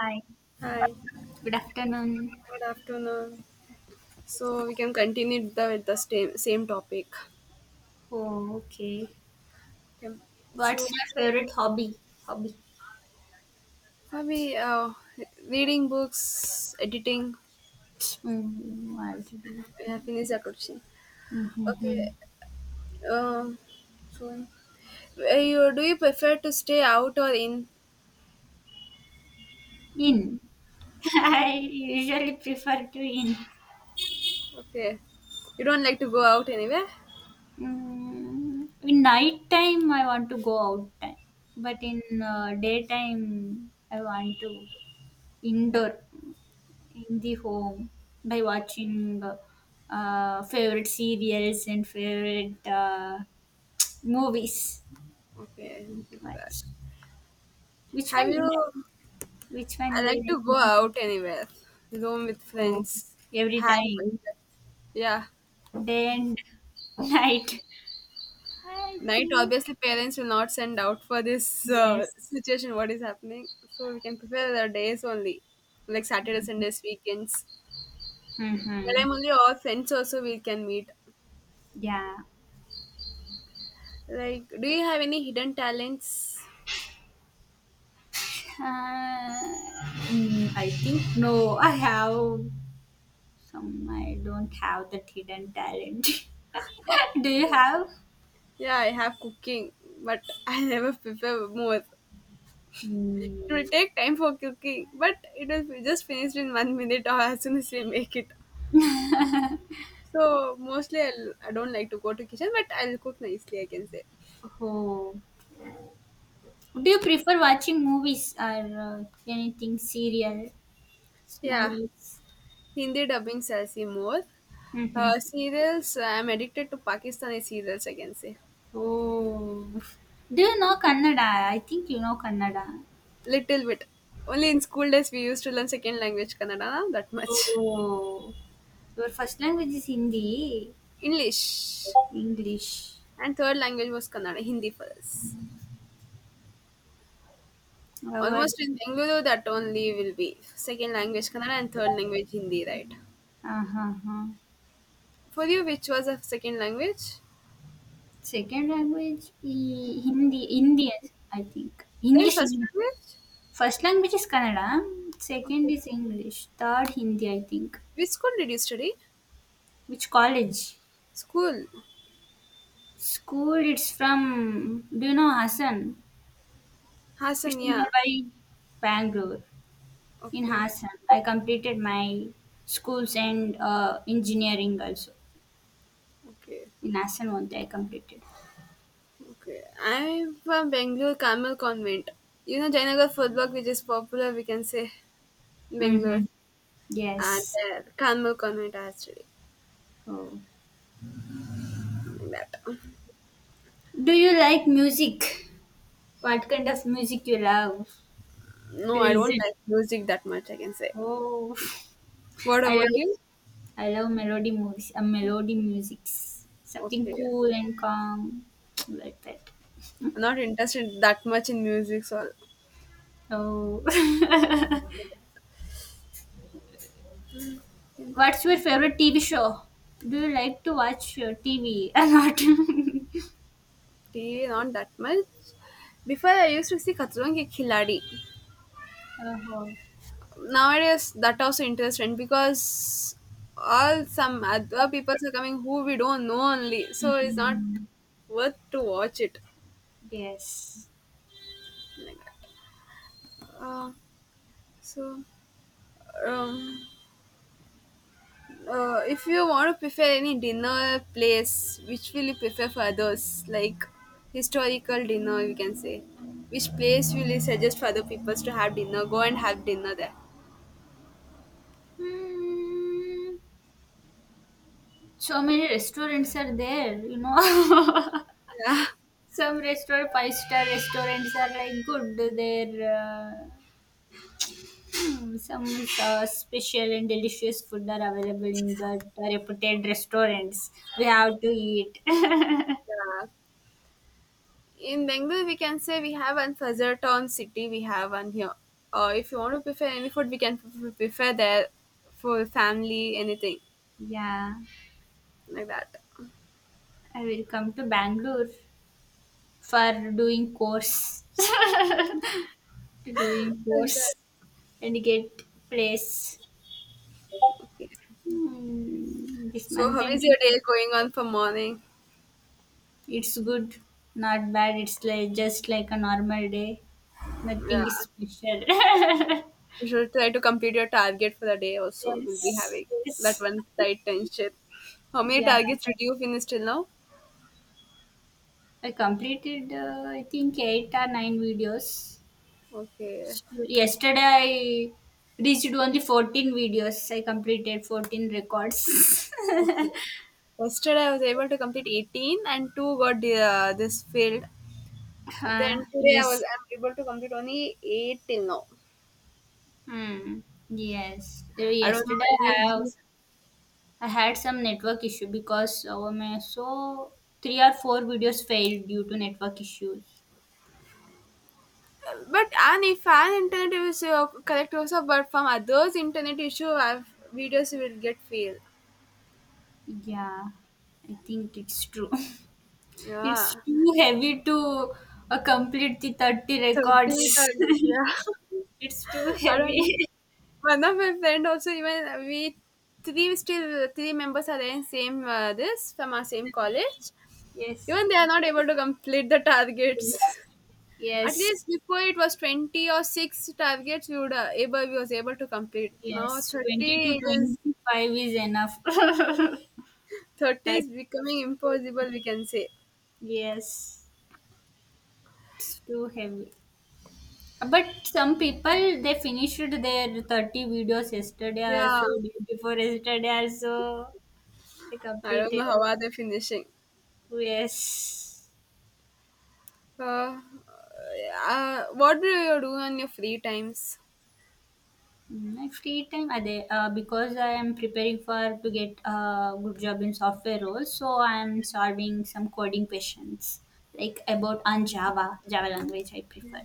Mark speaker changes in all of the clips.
Speaker 1: Hi,
Speaker 2: Hi,
Speaker 1: good afternoon.
Speaker 2: good afternoon. So we can continue with the same topic.
Speaker 1: Oh, okay.
Speaker 2: Okay. So
Speaker 1: What's your favorite hobby? Hobby.
Speaker 2: are we reading books, editing?
Speaker 1: Mm, already.
Speaker 2: We have finished that question. Okay.
Speaker 1: Mm-hmm.
Speaker 2: Um. So, you do you prefer to stay out or in?
Speaker 1: In. I usually prefer to in.
Speaker 2: Okay. You don't like to go out anywhere.
Speaker 1: In night time, I want to go out time, but in daytime, I want to indoor in the home by watching favorite serials and favorite movies.
Speaker 2: Okay. But
Speaker 1: Watch. Which
Speaker 2: have
Speaker 1: one you like?
Speaker 2: you?
Speaker 1: Which one
Speaker 2: I
Speaker 1: you
Speaker 2: like to go
Speaker 1: like?
Speaker 2: out anywhere, room with
Speaker 1: Oh,
Speaker 2: friends,
Speaker 1: every
Speaker 2: have
Speaker 1: time.
Speaker 2: yeah.
Speaker 1: Day and night. I
Speaker 2: Night,
Speaker 1: think
Speaker 2: obviously parents will not send out for this
Speaker 1: yes.
Speaker 2: situation what is happening, so we can prepare the days only, like Saturday, Sundays, weekends, that
Speaker 1: Mm-hmm.
Speaker 2: I'm only our friends also we can meet.
Speaker 1: Yeah.
Speaker 2: Like, do you have any hidden talents?
Speaker 1: Uh, I think no. I have some. I don't have that hidden talent. Do you have?
Speaker 2: Yeah, I have cooking, but I never prepare more. It
Speaker 1: Mm,
Speaker 2: will take time for cooking, but it will be just finished in one minute, or as soon as we make it. So mostly I don't like to go to kitchen, but I'll cook nicely, I can say.
Speaker 1: oh. Do you prefer watching movies or anything serial
Speaker 2: Yeah.
Speaker 1: movies?
Speaker 2: Hindi dubbing sells me more.
Speaker 1: Mm-hmm.
Speaker 2: Serials, I'm addicted to Pakistani serials, I can say.
Speaker 1: Oh, do you know Kannada? I think you know Kannada.
Speaker 2: Little bit. Only in school days we used to learn second language Kannada, na? That much.
Speaker 1: Oh, your first language is Hindi,
Speaker 2: English.
Speaker 1: English.
Speaker 2: And third language was Kannada, Hindi for us.
Speaker 1: Our
Speaker 2: Almost in Bengaluru, that only will be second language Kannada and third language Hindi, right?
Speaker 1: uh-huh.
Speaker 2: For you, which was a second language?
Speaker 1: Second language is Hindi, Indian, I think.
Speaker 2: Then
Speaker 1: English,
Speaker 2: first
Speaker 1: English.
Speaker 2: language?
Speaker 1: First language is Kannada, second
Speaker 2: Okay.
Speaker 1: is English, third Hindi, I think.
Speaker 2: Which school did you study?
Speaker 1: Which college?
Speaker 2: School.
Speaker 1: School, it's from, do you know Hassan? It's
Speaker 2: Hassan, yeah.
Speaker 1: nearby Bangalore. In
Speaker 2: Okay.
Speaker 1: Hassan. I completed my schools and engineering also.
Speaker 2: Okay.
Speaker 1: In Hassan only I completed.
Speaker 2: Okay, I'm from Bangalore Carmel Convent. You know Jayanagar food block, which is popular, we can say Bangalore,
Speaker 1: Mm-hmm.
Speaker 2: and
Speaker 1: Yes.
Speaker 2: Carmel Convent actually.
Speaker 1: Oh.
Speaker 2: Like that.
Speaker 1: Do you like music? What kind of music you love to
Speaker 2: No, I don't
Speaker 1: listen?
Speaker 2: like music that much, I can say.
Speaker 1: Oh,
Speaker 2: What
Speaker 1: I
Speaker 2: about
Speaker 1: love
Speaker 2: you?
Speaker 1: I love melody movies. Melody music, something
Speaker 2: Okay,
Speaker 1: cool and calm like that.
Speaker 2: I'm not interested that much in music, so
Speaker 1: Oh, what's your favorite TV show? Do you like to watch TV a
Speaker 2: tea
Speaker 1: lot?
Speaker 2: not that much. Before I used to see Khatron Ki Khiladi.
Speaker 1: Oh,
Speaker 2: Nowadays that also interesting, because all some other people are coming who we don't know only, so it's not
Speaker 1: mhm.
Speaker 2: worth to watch it,
Speaker 1: Yes.
Speaker 2: like that. Uh, so, um, if you want to prefer any dinner place, which will you prefer for others, like historical dinner you can say, which place will you suggest for other people to have dinner, go and have dinner there?
Speaker 1: Hmm. So many restaurants are there.
Speaker 2: Yeah.
Speaker 1: Some restaurant five-star restaurants are like good. They're some special and delicious food are available in the reputed restaurants. We have to eat.
Speaker 2: Yeah. In Bengal, we can say, we have one Fazar Town city, we have one here. If you want to prefer any food, we can prefer there for family, anything
Speaker 1: Yeah,
Speaker 2: like that.
Speaker 1: I will come to Bangalore for doing course, to doing
Speaker 2: Like
Speaker 1: course
Speaker 2: that.
Speaker 1: and get place.
Speaker 2: Okay.
Speaker 1: This
Speaker 2: So,
Speaker 1: month
Speaker 2: how is
Speaker 1: ending,
Speaker 2: your day going on for morning?
Speaker 1: it's good, not bad. It's like just like a normal day.
Speaker 2: Yeah,
Speaker 1: Nothing is special.
Speaker 2: you should try to complete your target for the day. Also, we'll be
Speaker 1: Yes,
Speaker 2: having that
Speaker 1: yes,
Speaker 2: one side tension. How many
Speaker 1: yeah.
Speaker 2: targets did you finish till now?
Speaker 1: I completed, I think eight or nine videos.
Speaker 2: Okay,
Speaker 1: Yesterday, I reached only 14 videos. I completed 14 records.
Speaker 2: okay. Yesterday I was able to complete 18, and two got the, this failed. Then today
Speaker 1: Yes.
Speaker 2: I'm able to complete only eight till now.
Speaker 1: Hmm. Yes.
Speaker 2: I don't know
Speaker 1: Yesterday
Speaker 2: it
Speaker 1: I
Speaker 2: will
Speaker 1: have
Speaker 2: be,
Speaker 1: I had some network issue because my so three or four videos failed due to network issues.
Speaker 2: but, and if an internet is correct also, but from others internet issue, I videos will get failed.
Speaker 1: Yeah, I think it's true. It's
Speaker 2: Yeah,
Speaker 1: too heavy to complete the 30
Speaker 2: so these are
Speaker 1: records.
Speaker 2: it, yeah.
Speaker 1: It's too
Speaker 2: I don't know.
Speaker 1: heavy.
Speaker 2: One of my friend also, even we three still three members are there in same this from our same college.
Speaker 1: Yes.
Speaker 2: Even they are not able to complete the targets.
Speaker 1: Yes.
Speaker 2: At least
Speaker 1: Yes.
Speaker 2: before it was 20 or 6 targets we was able to complete. Now
Speaker 1: Yes.
Speaker 2: 30
Speaker 1: 20 to
Speaker 2: it is,
Speaker 1: 25 is enough. That
Speaker 2: 30 is becoming
Speaker 1: is too,
Speaker 2: impossible, we can say.
Speaker 1: yes. It's too heavy. But some people they finished their 30 videos yesterday or
Speaker 2: Yeah.
Speaker 1: so day before yesterday also they
Speaker 2: I don't know
Speaker 1: completed.
Speaker 2: how are they finishing.
Speaker 1: Yes.
Speaker 2: Uh, what do you do on your free times?
Speaker 1: My free time are they, because I am preparing for to get a good job in software role, so I am solving some coding questions like about on Java, Java language I prefer.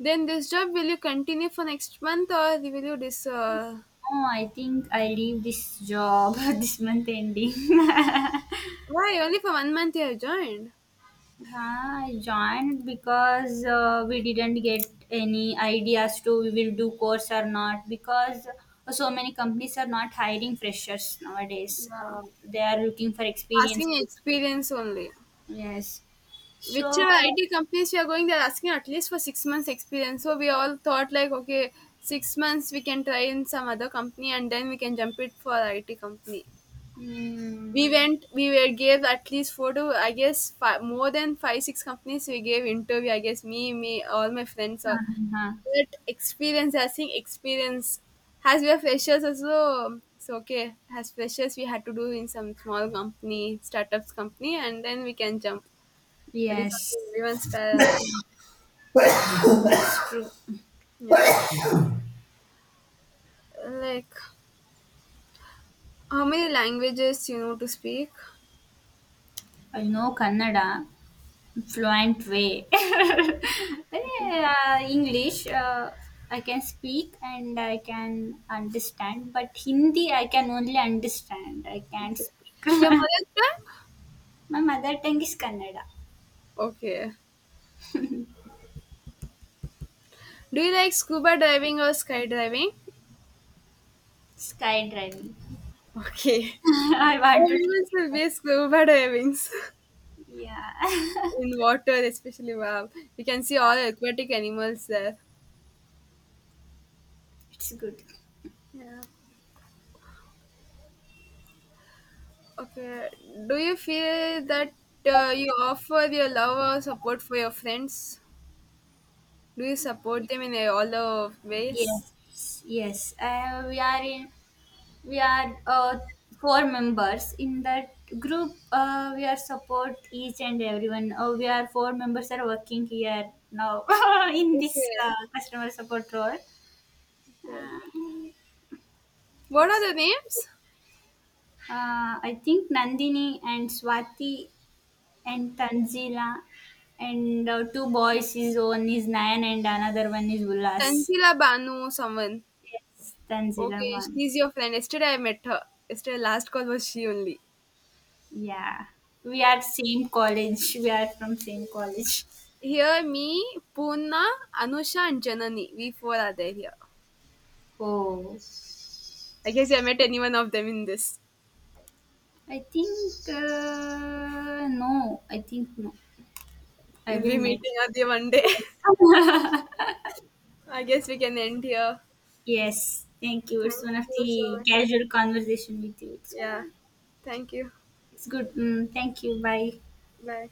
Speaker 2: Then this job, will you continue for next month, or will you dis
Speaker 1: Oh, I think I leave this job this month ending.
Speaker 2: why only for one month you have joined?
Speaker 1: Yeah, I joined because we didn't get any ideas to we will do course or not because so many companies are not hiring freshers nowadays.
Speaker 2: Yeah.
Speaker 1: They are looking for
Speaker 2: Asking
Speaker 1: experienced people.
Speaker 2: experience only.
Speaker 1: Yes. So,
Speaker 2: Whichever IT companies we are going, they're asking at least for 6 months experience. So we all thought like, okay, 6 months we can try in some other company, and then we can jump it for IT company.
Speaker 1: mm,
Speaker 2: We went, we were gave at least four to I guess five, more than five six companies. We gave interview. I guess all my friends all.
Speaker 1: uh-huh.
Speaker 2: But experience, I think experience. As we are freshers also, it's okay. As freshers, we had to do in some small company, startups company, and then we can jump. That is what
Speaker 1: Yes,
Speaker 2: everyone's.
Speaker 1: true.
Speaker 2: Yeah, like how many languages you know to speak?
Speaker 1: I know Kannada. Fluent way. English, I can speak and I can understand, but Hindi, I can only understand. I can't
Speaker 2: Okay, your
Speaker 1: speak.
Speaker 2: mother tongue.
Speaker 1: My mother tongue is Kannada.
Speaker 2: Okay. Do you like scuba diving or skydiving?
Speaker 1: Skydiving.
Speaker 2: Okay.
Speaker 1: I want to try
Speaker 2: Everyone
Speaker 1: it
Speaker 2: will
Speaker 1: once.
Speaker 2: be scuba diving
Speaker 1: Yeah,
Speaker 2: in water, especially. Wow, you can see all aquatic animals there.
Speaker 1: it's good.
Speaker 2: Yeah. Okay. Do you feel that you offer your love or support for your friends? Do you support them in all the ways?
Speaker 1: Yes, yes. We are four members in that group, we are support each and everyone, we are four members are working here now in this
Speaker 2: Okay.
Speaker 1: customer support role.
Speaker 2: Okay.
Speaker 1: uh,
Speaker 2: What are the names?
Speaker 1: uh, i think Nandini and Swati and Tanzila and two boys is, one is Nayan and another one is Ulas.
Speaker 2: Tanzila Banu someone.
Speaker 1: Yes, Tanzila
Speaker 2: Okay,
Speaker 1: one.
Speaker 2: she's your friend. Yesterday I met her. Yesterday last call was she only.
Speaker 1: Yeah, we
Speaker 2: Yeah.
Speaker 1: are same college we are from same college.
Speaker 2: Here, me, Poona, Anusha and Janani. We four are there here.
Speaker 1: Oh,
Speaker 2: I guess you have met any one of them in this.
Speaker 1: I think no. I think no. I
Speaker 2: We'll
Speaker 1: will
Speaker 2: be
Speaker 1: meet.
Speaker 2: meeting other one day.
Speaker 1: Yes.
Speaker 2: I guess we can end here.
Speaker 1: Yes. Thank you.
Speaker 2: Thank
Speaker 1: It's one of
Speaker 2: you so
Speaker 1: the
Speaker 2: much.
Speaker 1: casual conversation with you.
Speaker 2: Yeah. Thank you.
Speaker 1: It's good. Thank you. Bye.
Speaker 2: Bye.